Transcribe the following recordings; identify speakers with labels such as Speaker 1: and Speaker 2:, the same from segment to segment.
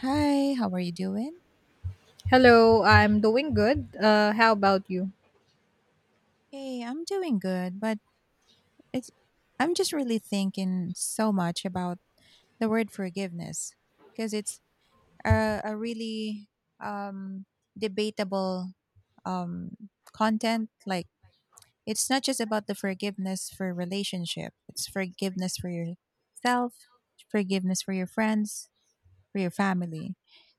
Speaker 1: Hi, how are you doing?
Speaker 2: Hello, I'm doing good. How about you?
Speaker 1: Hey, I'm doing good, but it's I'm just really thinking so much about the word forgiveness because it's a really um debatable um content, like it's not just about the forgiveness for relationship. It's forgiveness for yourself, forgiveness for your friends, for your family.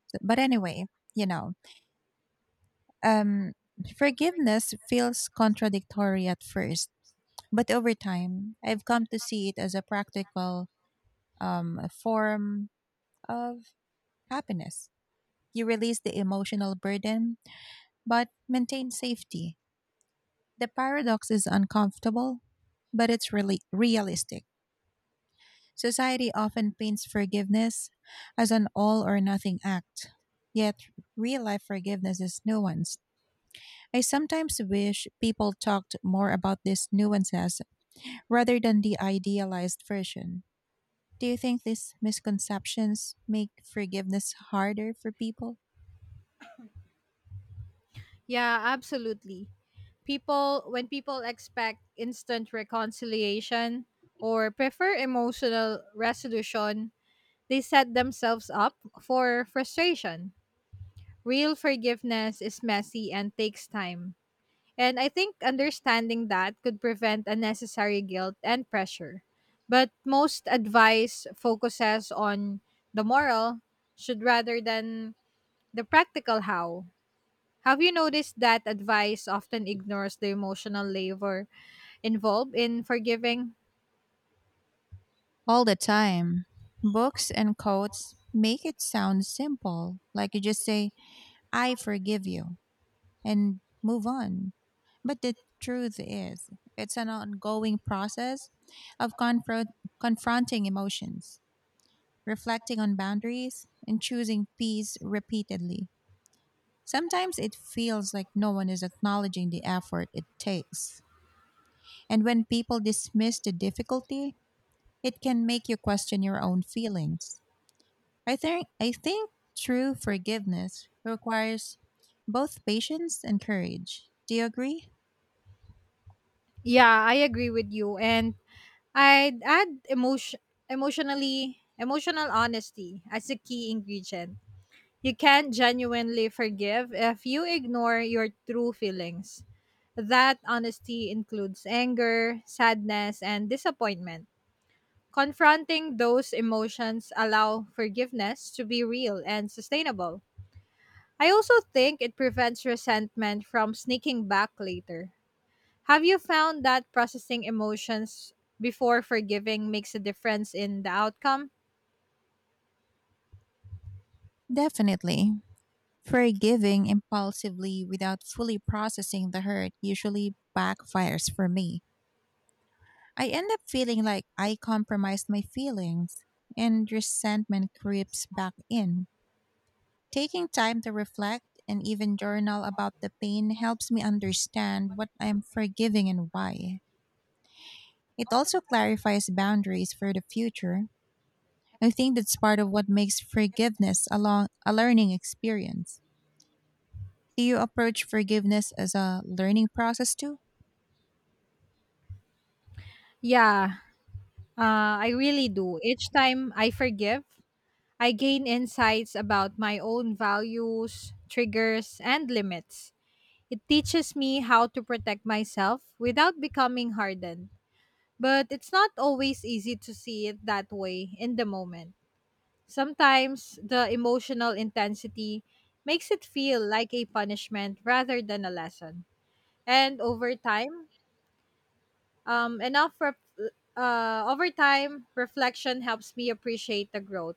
Speaker 1: But anyway, you know, um forgiveness feels contradictory at first. But over time, I've come to see it as a practical form of happiness. You release the emotional burden, but maintain safety. The paradox is uncomfortable, but it's really realistic. Society often paints forgiveness as an all or nothing act, yet real life forgiveness is nuanced. I sometimes wish people talked more about these nuances rather than the idealized version. Do you think these misconceptions make forgiveness harder for people?
Speaker 2: Yeah, absolutely. When people expect instant reconciliation or prefer emotional resolution, they set themselves up for frustration. Real forgiveness is messy and takes time. And I think understanding that could prevent unnecessary guilt and pressure. But most advice focuses on the moral should rather than the practical how. Have you noticed that advice often ignores the emotional labor involved in forgiving?
Speaker 1: All the time. Books and quotes make it sound simple, like you just say, "I forgive you," and move on. But the truth is, it's an ongoing process of confronting emotions, reflecting on boundaries, and choosing peace repeatedly. Sometimes it feels like no one is acknowledging the effort it takes. And when people dismiss the difficulty, it can make you question your own feelings. I think true forgiveness requires both patience and courage. Do you agree?
Speaker 2: Yeah, I agree with you. And I'd add emotional honesty as a key ingredient. You can't genuinely forgive if you ignore your true feelings. That honesty includes anger, sadness, and disappointment. Confronting those emotions allow forgiveness to be real and sustainable. I also think it prevents resentment from sneaking back later. Have you found that processing emotions before forgiving makes a difference in the outcome?
Speaker 1: Definitely. Forgiving impulsively without fully processing the hurt usually backfires for me. I end up feeling like I compromised my feelings and resentment creeps back in. Taking time to reflect and even journal about the pain helps me understand what I am forgiving and why. It also clarifies boundaries for the future. I think that's part of what makes forgiveness a learning experience. Do you approach forgiveness as a learning process too?
Speaker 2: Yeah, I really do. Each time I forgive, I gain insights about my own values, triggers, and limits. It teaches me how to protect myself without becoming hardened. But it's not always easy to see it that way in the moment. Sometimes the emotional intensity makes it feel like a punishment rather than a lesson. And over time, enough ref- Over time, reflection helps me appreciate the growth.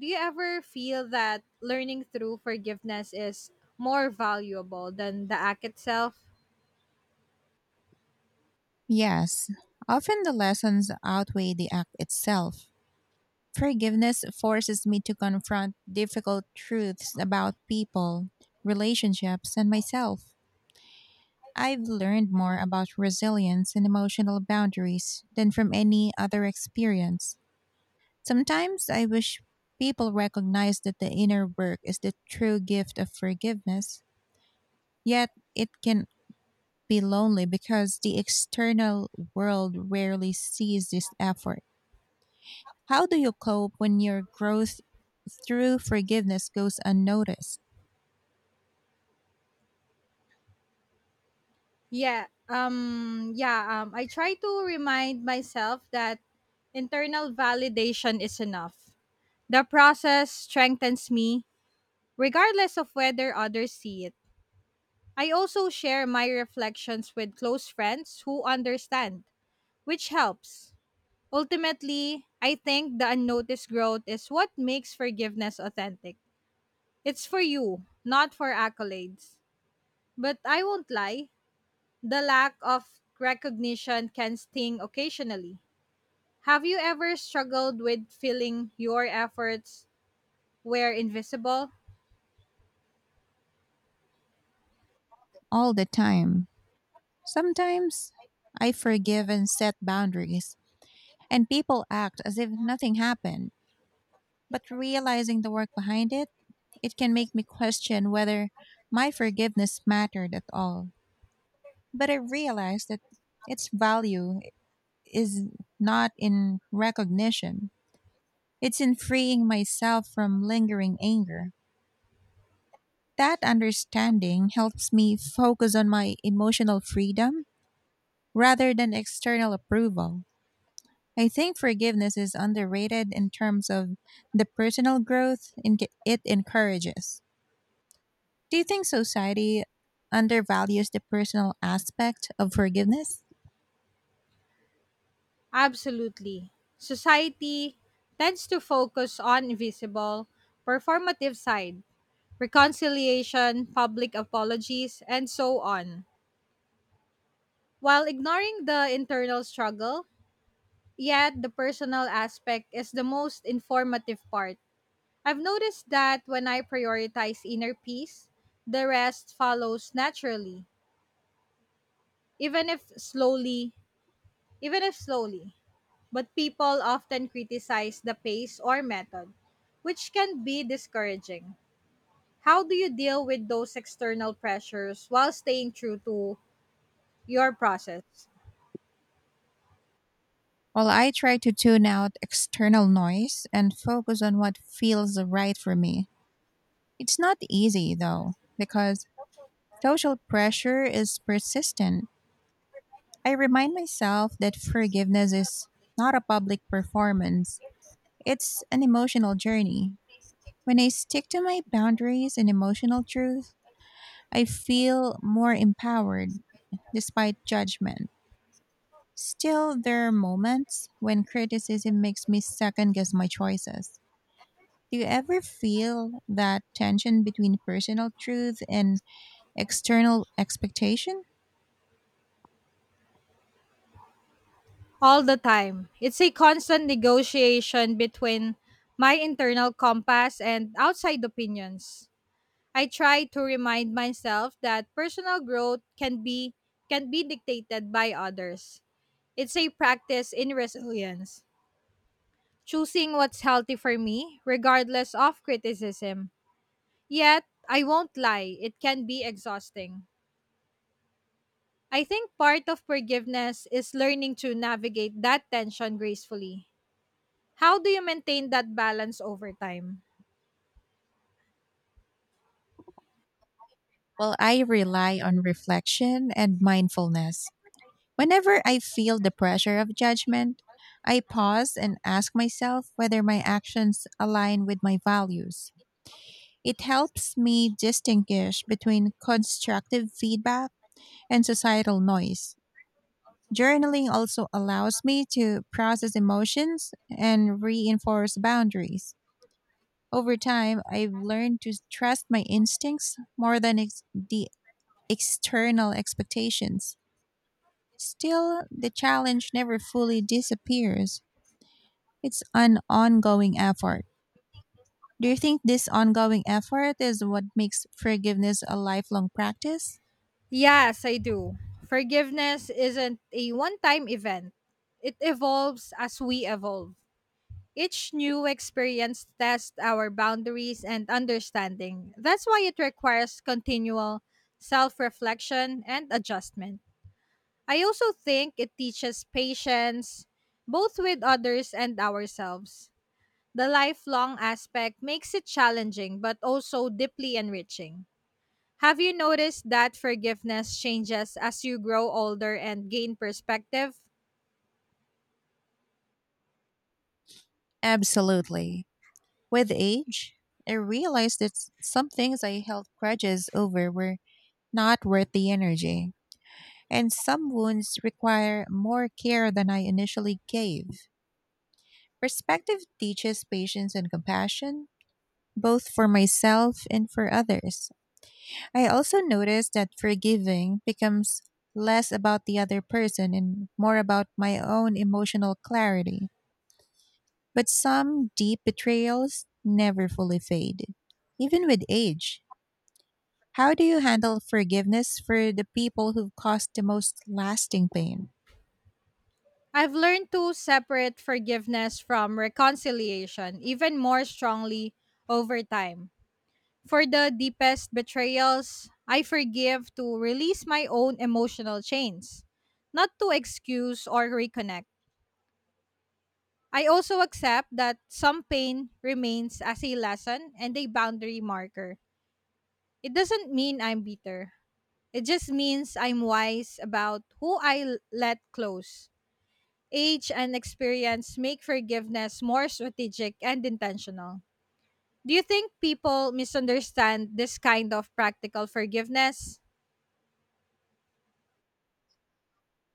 Speaker 2: Do you ever feel that learning through forgiveness is more valuable than the act itself?
Speaker 1: Yes. Often the lessons outweigh the act itself. Forgiveness forces me to confront difficult truths about people, relationships, and myself. I've learned more about resilience and emotional boundaries than from any other experience. Sometimes I wish people recognize that the inner work is the true gift of forgiveness, yet it can be lonely because the external world rarely sees this effort. How do you cope when your growth through forgiveness goes unnoticed?
Speaker 2: Yeah. I try to remind myself that internal validation is enough. The process strengthens me regardless of whether others see it. I also share my reflections with close friends who understand, which helps. Ultimately, I think the unnoticed growth is what makes forgiveness authentic. It's for you, not for accolades. But I won't lie, the lack of recognition can sting occasionally. Have you ever struggled with feeling your efforts were invisible?
Speaker 1: All the time. Sometimes I forgive and set boundaries, and people act as if nothing happened, but realizing the work behind it, it can make me question whether my forgiveness mattered at all. But I realized that its value is not in recognition, it's in freeing myself from lingering anger. That understanding helps me focus on my emotional freedom rather than external approval. I think forgiveness is underrated in terms of the personal growth it encourages. Do you think society undervalues the personal aspect of forgiveness?
Speaker 2: Absolutely. Society tends to focus on invisible, performative side, reconciliation, public apologies, and so on, while ignoring the internal struggle. Yet, the personal aspect is the most informative part. I've noticed that when I prioritize inner peace, the rest follows naturally, even if slowly, even if slowly. But people often criticize the pace or method, which can be discouraging. How do you deal with those external pressures while staying true to your process?
Speaker 1: While I try to tune out external noise and focus on what feels right for me. It's not easy though, because social pressure is persistent. I remind myself that forgiveness is not a public performance, it's an emotional journey. When I stick to my boundaries and emotional truth, I feel more empowered despite judgment. Still, there are moments when criticism makes me second guess my choices. Do you ever feel that tension between personal truth and external expectation?
Speaker 2: All the time. It's a constant negotiation between my internal compass and outside opinions. I try to remind myself that personal growth can be dictated by others. It's a practice in resilience, choosing what's healthy for me regardless of criticism. Yet, I won't lie, it can be exhausting. I think part of forgiveness is learning to navigate that tension gracefully. How do you maintain that balance over time?
Speaker 1: Well, I rely on reflection and mindfulness. Whenever I feel the pressure of judgment, I pause and ask myself whether my actions align with my values. It helps me distinguish between constructive feedback and societal noise. Journaling also allows me to process emotions and reinforce boundaries. Over time, I've learned to trust my instincts more than the external expectations. Still, the challenge never fully disappears. It's an ongoing effort. Do you think this ongoing effort is what makes forgiveness a lifelong practice?
Speaker 2: Yes, I do. Forgiveness isn't a one time event, it evolves as we evolve. Each new experience tests our boundaries and understanding. That's why it requires continual self reflection and adjustment. I also think it teaches patience, both with others and ourselves. The lifelong aspect makes it challenging but also deeply enriching. Have you noticed that forgiveness changes as you grow older and gain perspective?
Speaker 1: Absolutely. With age, I realized that some things I held grudges over were not worth the energy, and some wounds require more care than I initially gave. Perspective teaches patience and compassion, both for myself and for others. I also noticed that forgiving becomes less about the other person and more about my own emotional clarity. But some deep betrayals never fully fade, even with age. How do you handle forgiveness for the people who've caused the most lasting pain?
Speaker 2: I've learned to separate forgiveness from reconciliation even more strongly over time. For the deepest betrayals, I forgive to release my own emotional chains, not to excuse or reconnect. I also accept that some pain remains as a lesson and a boundary marker. It doesn't mean I'm bitter. It just means I'm wise about let close. Age and experience make forgiveness more strategic and intentional. Do you think people misunderstand this kind of practical forgiveness?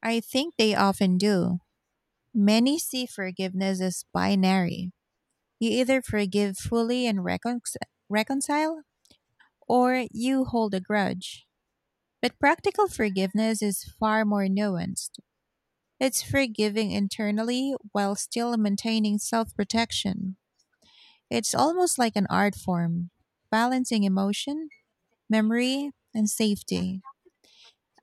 Speaker 1: I think they often do. Many see forgiveness as binary. You either forgive fully and reconcile, or you hold a grudge. But practical forgiveness is far more nuanced. It's forgiving internally while still maintaining self protection. It's almost like an art form, balancing emotion, memory, and safety.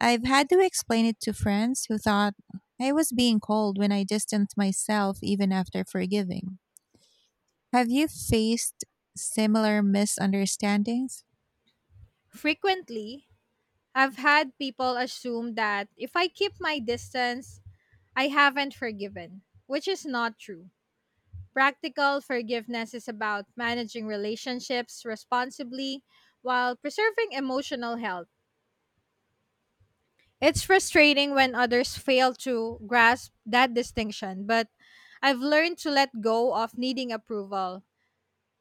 Speaker 1: I've had to explain it to friends who thought I was being cold when I distanced myself even after forgiving. Have you faced similar misunderstandings?
Speaker 2: Frequently, I've had people assume that if I keep my distance, I haven't forgiven, which is not true. Practical forgiveness is about managing relationships responsibly while preserving emotional health. It's frustrating when others fail to grasp that distinction, but I've learned to let go of needing approval.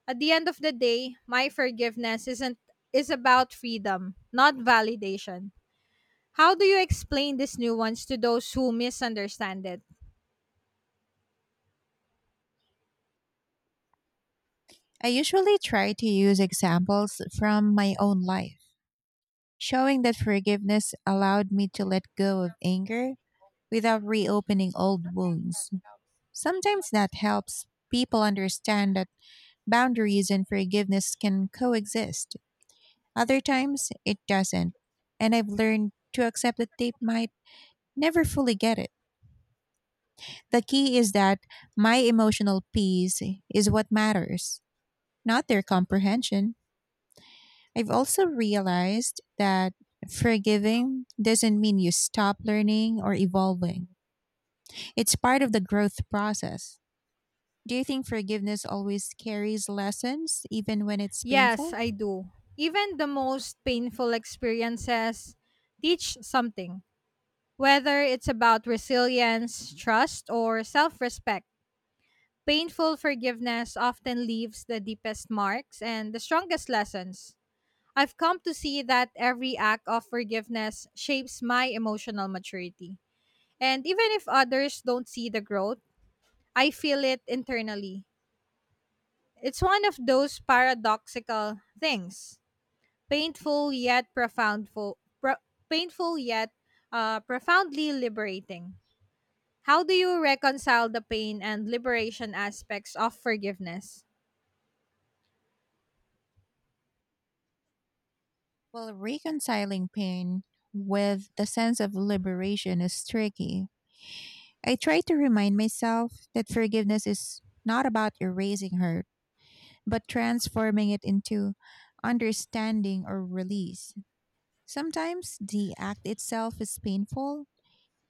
Speaker 2: At the end of the day, my forgiveness isn't is about freedom, not validation. How do you explain this nuance to those who misunderstand it?
Speaker 1: I usually try to use examples from my own life, showing that forgiveness allowed me to let go of anger without reopening old wounds. Sometimes that helps people understand that boundaries and forgiveness can coexist. Other times, it doesn't. And I've learned to accept that they might never fully get it. The key is that my emotional peace is what matters, not their comprehension. I've also realized that forgiving doesn't mean you stop learning or evolving. It's part of the growth process. Do you think forgiveness always carries lessons, even when it's
Speaker 2: Yes,
Speaker 1: painful?
Speaker 2: I do. Even the most painful experiences teach something, whether it's about resilience, trust, or self-respect. Painful forgiveness often leaves the deepest marks and the strongest lessons. I've come to see that every act of forgiveness shapes my emotional maturity. And even if others don't see the growth, I feel it internally. It's one of those paradoxical things, painful yet painful yet profoundly liberating. How do you reconcile the pain and liberation aspects of forgiveness?
Speaker 1: Well, reconciling pain with the sense of liberation is tricky. I try to remind myself that forgiveness is not about erasing hurt, but transforming it into understanding or release. Sometimes the act itself is painful,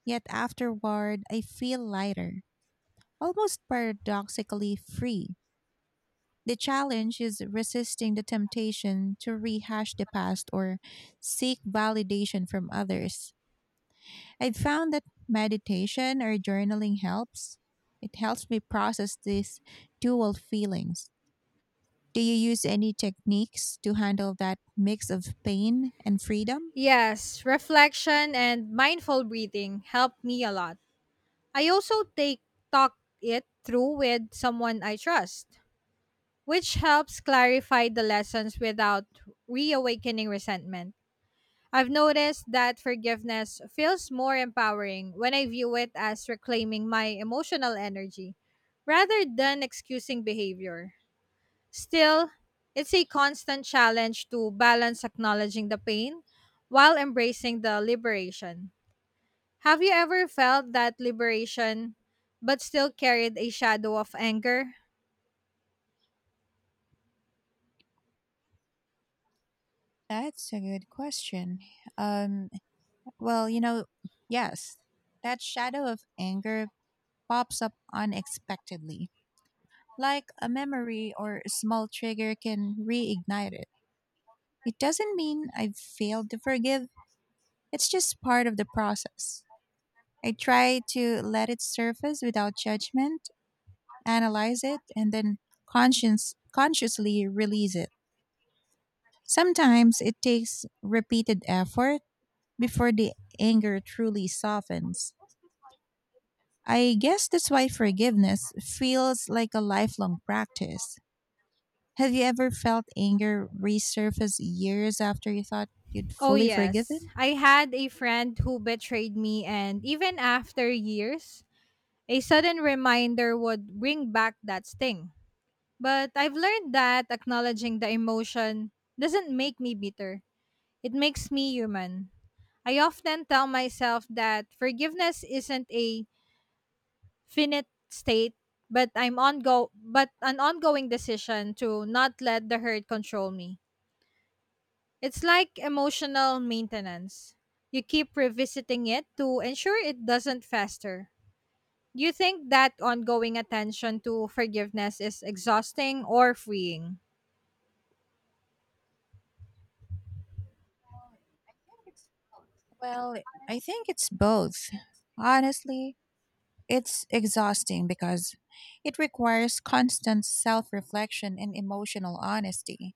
Speaker 1: yet afterward I feel lighter, almost paradoxically free. The challenge is resisting the temptation to rehash the past or seek validation from others. I've found that meditation or journaling helps. It helps me process these dual feelings. Do you use any techniques to handle that mix of pain and freedom?
Speaker 2: Yes, reflection and mindful breathing help me a lot. I also take talk it through with someone I trust, which helps clarify the lessons without reawakening resentment. I've noticed that forgiveness feels more empowering when I view it as reclaiming my emotional energy rather than excusing behavior. Still, it's a constant challenge to balance acknowledging the pain while embracing the liberation. Have you ever felt that liberation but still carried a shadow of anger?
Speaker 1: That's a good question. Um, Well, yes, that shadow of anger pops up unexpectedly. Like a memory or a small trigger can reignite it. It doesn't mean I've failed to forgive, it's just part of the process. I try to let it surface without judgment, analyze it, and then conscience consciously release it. Sometimes it takes repeated effort before the anger truly softens. I guess that's why forgiveness feels like a lifelong practice. Have you ever felt anger resurface years after you thought you'd
Speaker 2: Oh,
Speaker 1: fully
Speaker 2: yes.
Speaker 1: forgiven?
Speaker 2: I had a friend who betrayed me, and even after years, a sudden reminder would bring back that sting. But I've learned that acknowledging the emotion doesn't make me bitter, it makes me human. I often tell myself that forgiveness isn't a finite state, but I'm ongo but an ongoing decision to not let the hurt control me. It's like emotional maintenance. You keep revisiting it to ensure it doesn't fester. Do you think that ongoing attention to forgiveness is exhausting or freeing?
Speaker 1: Well, I think it's both. Honestly, it's exhausting because it requires constant self reflection and emotional honesty.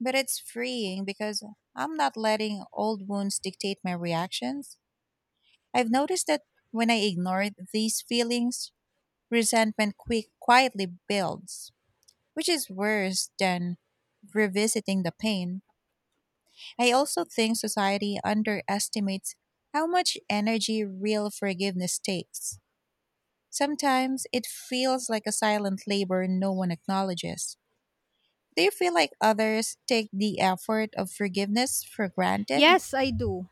Speaker 1: But it's freeing because I'm not letting old wounds dictate my reactions. I've noticed that when I ignore these feelings, resentment quietly builds, which is worse than revisiting the pain. I also think society underestimates how much energy real forgiveness takes. Sometimes it feels like a silent labor no one acknowledges. Do you feel like others take the effort of forgiveness for granted?
Speaker 2: Yes, I do.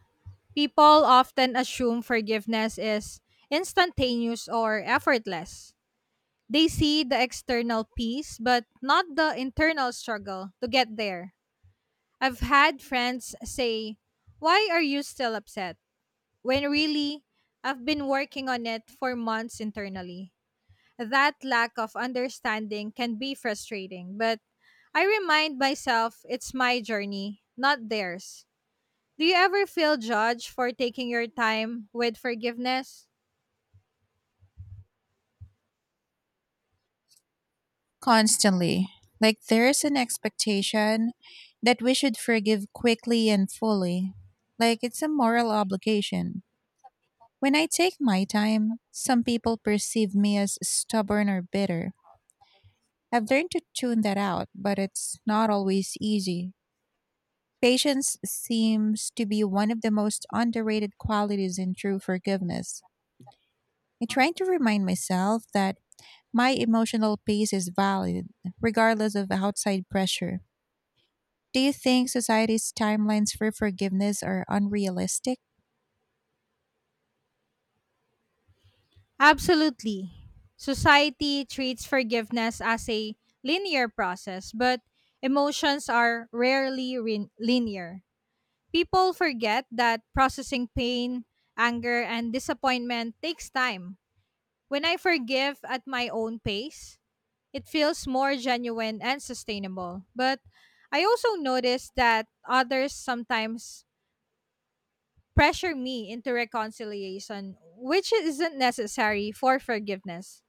Speaker 2: People often assume forgiveness is instantaneous or effortless. They see the external peace, but not the internal struggle to get there. I've had friends say, "Why are you still upset?" When really, I've been working on it for months internally. That lack of understanding can be frustrating, but I remind myself it's my journey, not theirs. Do you ever feel judged for taking your time with forgiveness?
Speaker 1: Constantly. Like there's an expectation that we should forgive quickly and fully. Like it's a moral obligation. When I take my time, some people perceive me as stubborn or bitter. I've learned to tune that out, but it's not always easy. Patience seems to be one of the most underrated qualities in true forgiveness. I try to remind myself that my emotional pace is valid, regardless of outside pressure. Do you think society's timelines for forgiveness are unrealistic?
Speaker 2: Absolutely. Society treats forgiveness as a linear process, but emotions are linear. People forget that processing pain, anger, and disappointment takes time. When I forgive at my own pace, it feels more genuine and sustainable. But I also notice that others sometimes pressure me into reconciliation, which isn't necessary for forgiveness.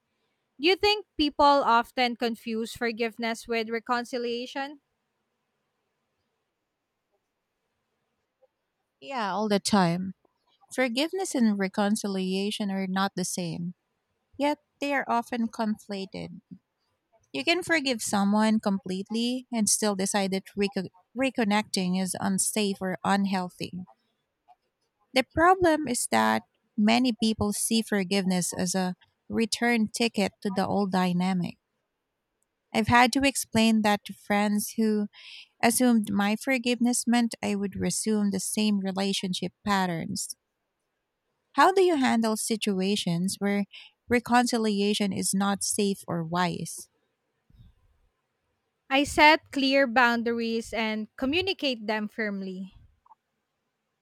Speaker 2: Do you think people often confuse forgiveness with reconciliation?
Speaker 1: Yeah, all the time. Forgiveness and reconciliation are not the same, yet they are often conflated. You can forgive someone completely and still decide that reconnecting is unsafe or unhealthy. The problem is that many people see forgiveness as a return ticket to the old dynamic. I've had to explain that to friends who assumed my forgiveness meant I would resume the same relationship patterns. How do you handle situations where reconciliation is not safe or wise?
Speaker 2: I set clear boundaries and communicate them firmly.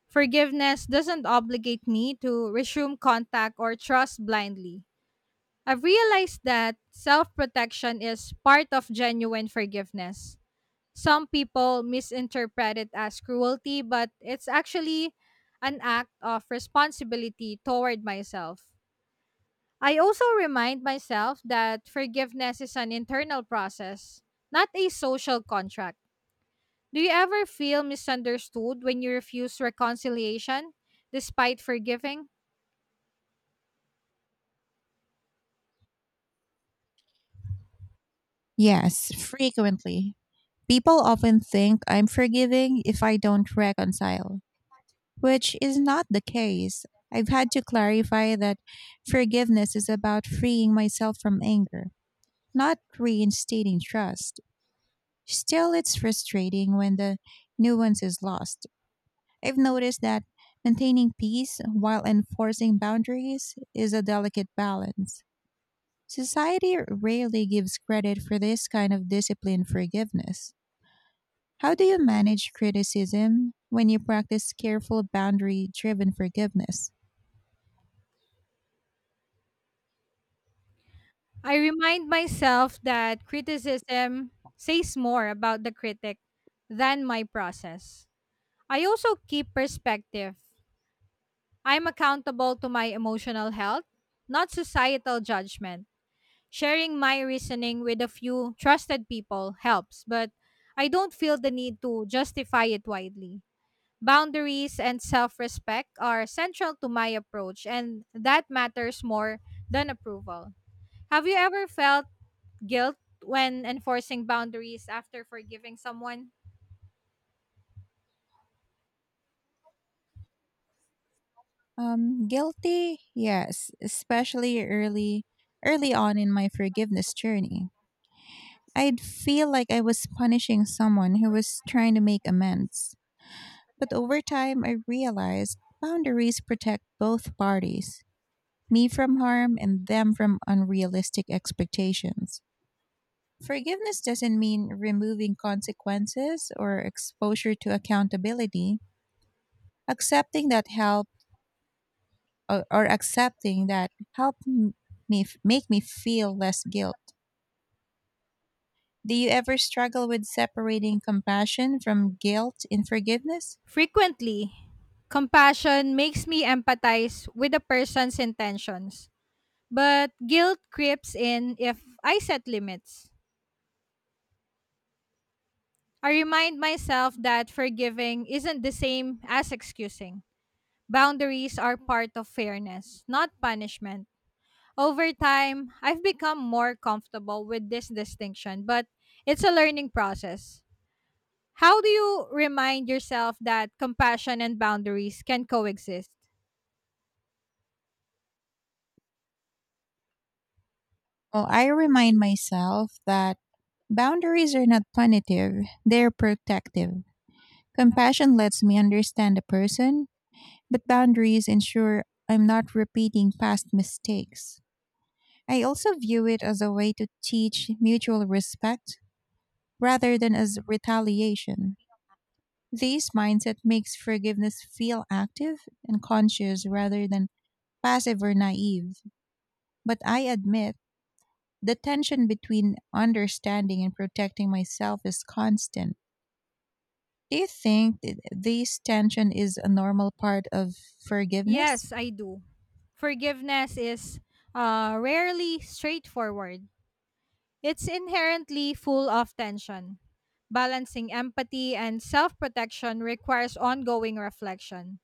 Speaker 2: Forgiveness doesn't obligate me to resume contact or trust blindly. I've realized that self protection is part of genuine forgiveness. Some people misinterpret it as cruelty, but it's actually an act of responsibility toward myself. I also remind myself that forgiveness is an internal process, not a social contract. Do you ever feel misunderstood when you refuse reconciliation despite forgiving?
Speaker 1: Yes, frequently. People often think I'm forgiving if I don't reconcile, which is not the case. I've had to clarify that forgiveness is about freeing myself from anger, not reinstating trust. Still, it's frustrating when the nuance is lost. I've noticed that maintaining peace while enforcing boundaries is a delicate balance. Society rarely gives credit for this kind of disciplined forgiveness. How do you manage criticism when you practice careful boundary driven forgiveness?
Speaker 2: I remind myself that criticism says more about the critic than my process. I also keep perspective. I'm accountable to my emotional health, not societal judgment. Sharing my reasoning with a few trusted people helps, but I don't feel the need to justify it widely. Boundaries and self respect are central to my approach, and that matters more than approval. Have you ever felt guilt when enforcing boundaries after forgiving someone?
Speaker 1: Guilty, yes, especially early on in my forgiveness journey. I'd feel like I was punishing someone who was trying to make amends. But over time, I realized boundaries protect both parties, me from harm and them from unrealistic expectations. Forgiveness doesn't mean removing consequences or exposure to accountability. Accepting that help or accepting that help make me feel less guilt. Do you ever struggle with separating compassion from guilt in forgiveness?
Speaker 2: Frequently, compassion makes me empathize with the person's intentions, but guilt creeps in if I set limits. I remind myself that forgiving isn't the same as excusing. Boundaries are part of fairness, not punishment. Over time, I've become more comfortable with this distinction, but it's a learning process. How do you remind yourself that compassion and boundaries can coexist?
Speaker 1: Well, I remind myself that boundaries are not punitive, they're protective. Compassion lets me understand the person, but boundaries ensure I'm not repeating past mistakes. I also view it as a way to teach mutual respect rather than as retaliation. This mindset makes forgiveness feel active and conscious rather than passive or naive. But I admit, the tension between understanding and protecting myself is constant. Do you think this tension is a normal part of forgiveness?
Speaker 2: Yes, I do. Forgiveness is rarely straightforward, it's inherently full of tension. Balancing empathy and self protection requires ongoing reflection.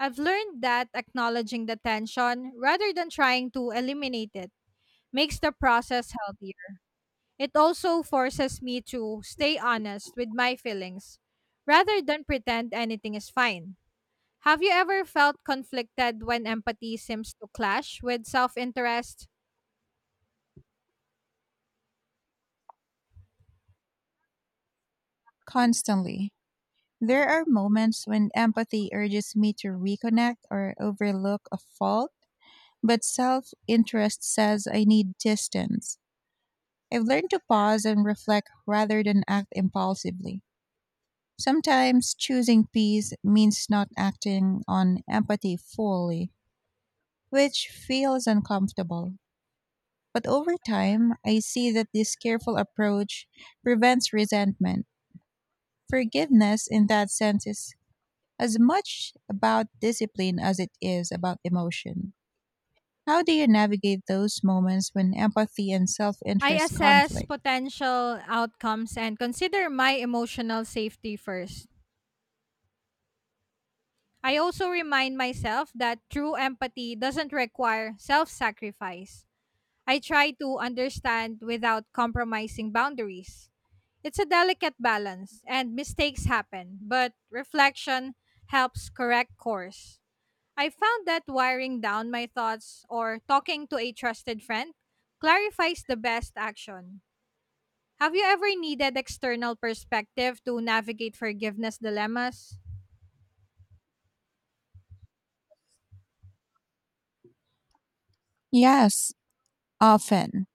Speaker 2: I've learned that acknowledging the tension rather than trying to eliminate it makes the process healthier. It also forces me to stay honest with my feelings rather than pretend anything is fine. Have you ever felt conflicted when empathy seems to clash with self interest?
Speaker 1: Constantly. There are moments when empathy urges me to reconnect or overlook a fault, but self interest says I need distance. I've learned to pause and reflect rather than act impulsively. Sometimes choosing peace means not acting on empathy fully, which feels uncomfortable. But over time, I see that this careful approach prevents resentment. Forgiveness, in that sense, is as much about discipline as it is about emotion. How do you navigate those moments when empathy and self
Speaker 2: I
Speaker 1: interest
Speaker 2: assess
Speaker 1: conflict?
Speaker 2: potential outcomes and consider my emotional safety first. I also remind myself that true empathy doesn't require self sacrifice. I try to understand without compromising boundaries. It's a delicate balance, and mistakes happen, but reflection helps correct course. I found that wiring down my thoughts or talking to a trusted friend clarifies the best action. Have you ever needed external perspective to navigate forgiveness dilemmas?
Speaker 1: Yes, often.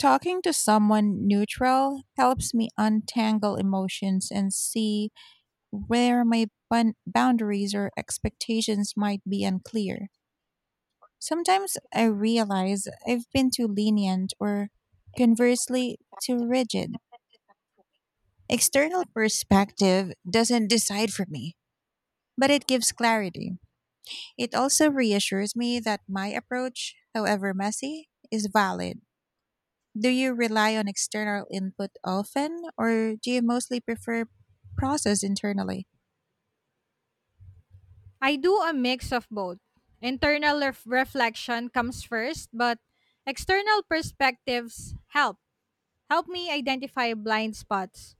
Speaker 1: Talking to someone neutral helps me untangle emotions and see where my boundaries or expectations might be unclear. Sometimes I realize I've been too lenient or conversely too rigid. External perspective doesn't decide for me, but it gives clarity. It also reassures me that my approach, however messy, is valid. Do you rely on external input often, or do you mostly prefer process internally?
Speaker 2: I do a mix of both. Reflection comes first, but external perspectives help. Help me identify blind spots.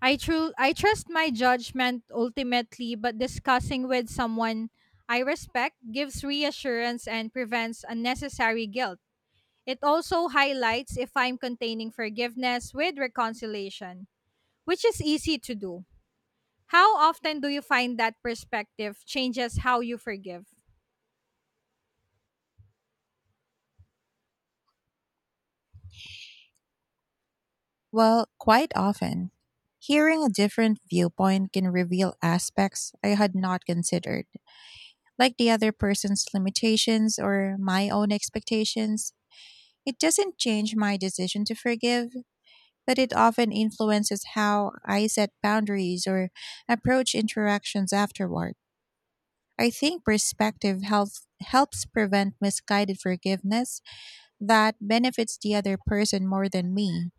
Speaker 2: I trust my judgment ultimately, but discussing with someone I respect gives reassurance and prevents unnecessary guilt. It also highlights if I'm containing forgiveness with reconciliation, which is easy to do. How often do you find that perspective changes how you forgive?
Speaker 1: Well, quite often. Hearing a different viewpoint can reveal aspects I had not considered, like the other person's limitations or my own expectations. It doesn't change my decision to forgive, but it often influences how I set boundaries or approach interactions afterward. I think perspective helps prevent misguided forgiveness that benefits the other person more than me.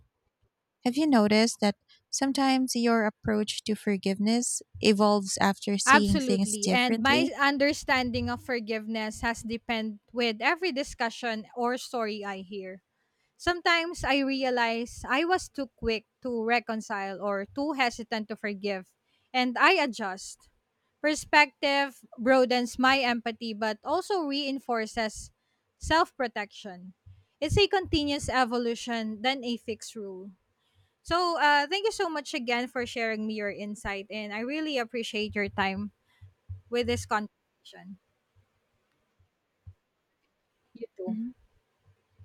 Speaker 1: Have you noticed that sometimes your approach to forgiveness evolves after seeing things
Speaker 2: Absolutely. And my
Speaker 1: differently?
Speaker 2: understanding of forgiveness has depend with every discussion or story I hear. Sometimes I realize I was too quick to reconcile or too hesitant to forgive, and I adjust. Perspective broadens my empathy but also reinforces self protection. It's a continuous evolution than a fixed rule. So, thank you so much again for sharing me your insight, and I really appreciate your time with this conversation. You too.
Speaker 1: Mhm.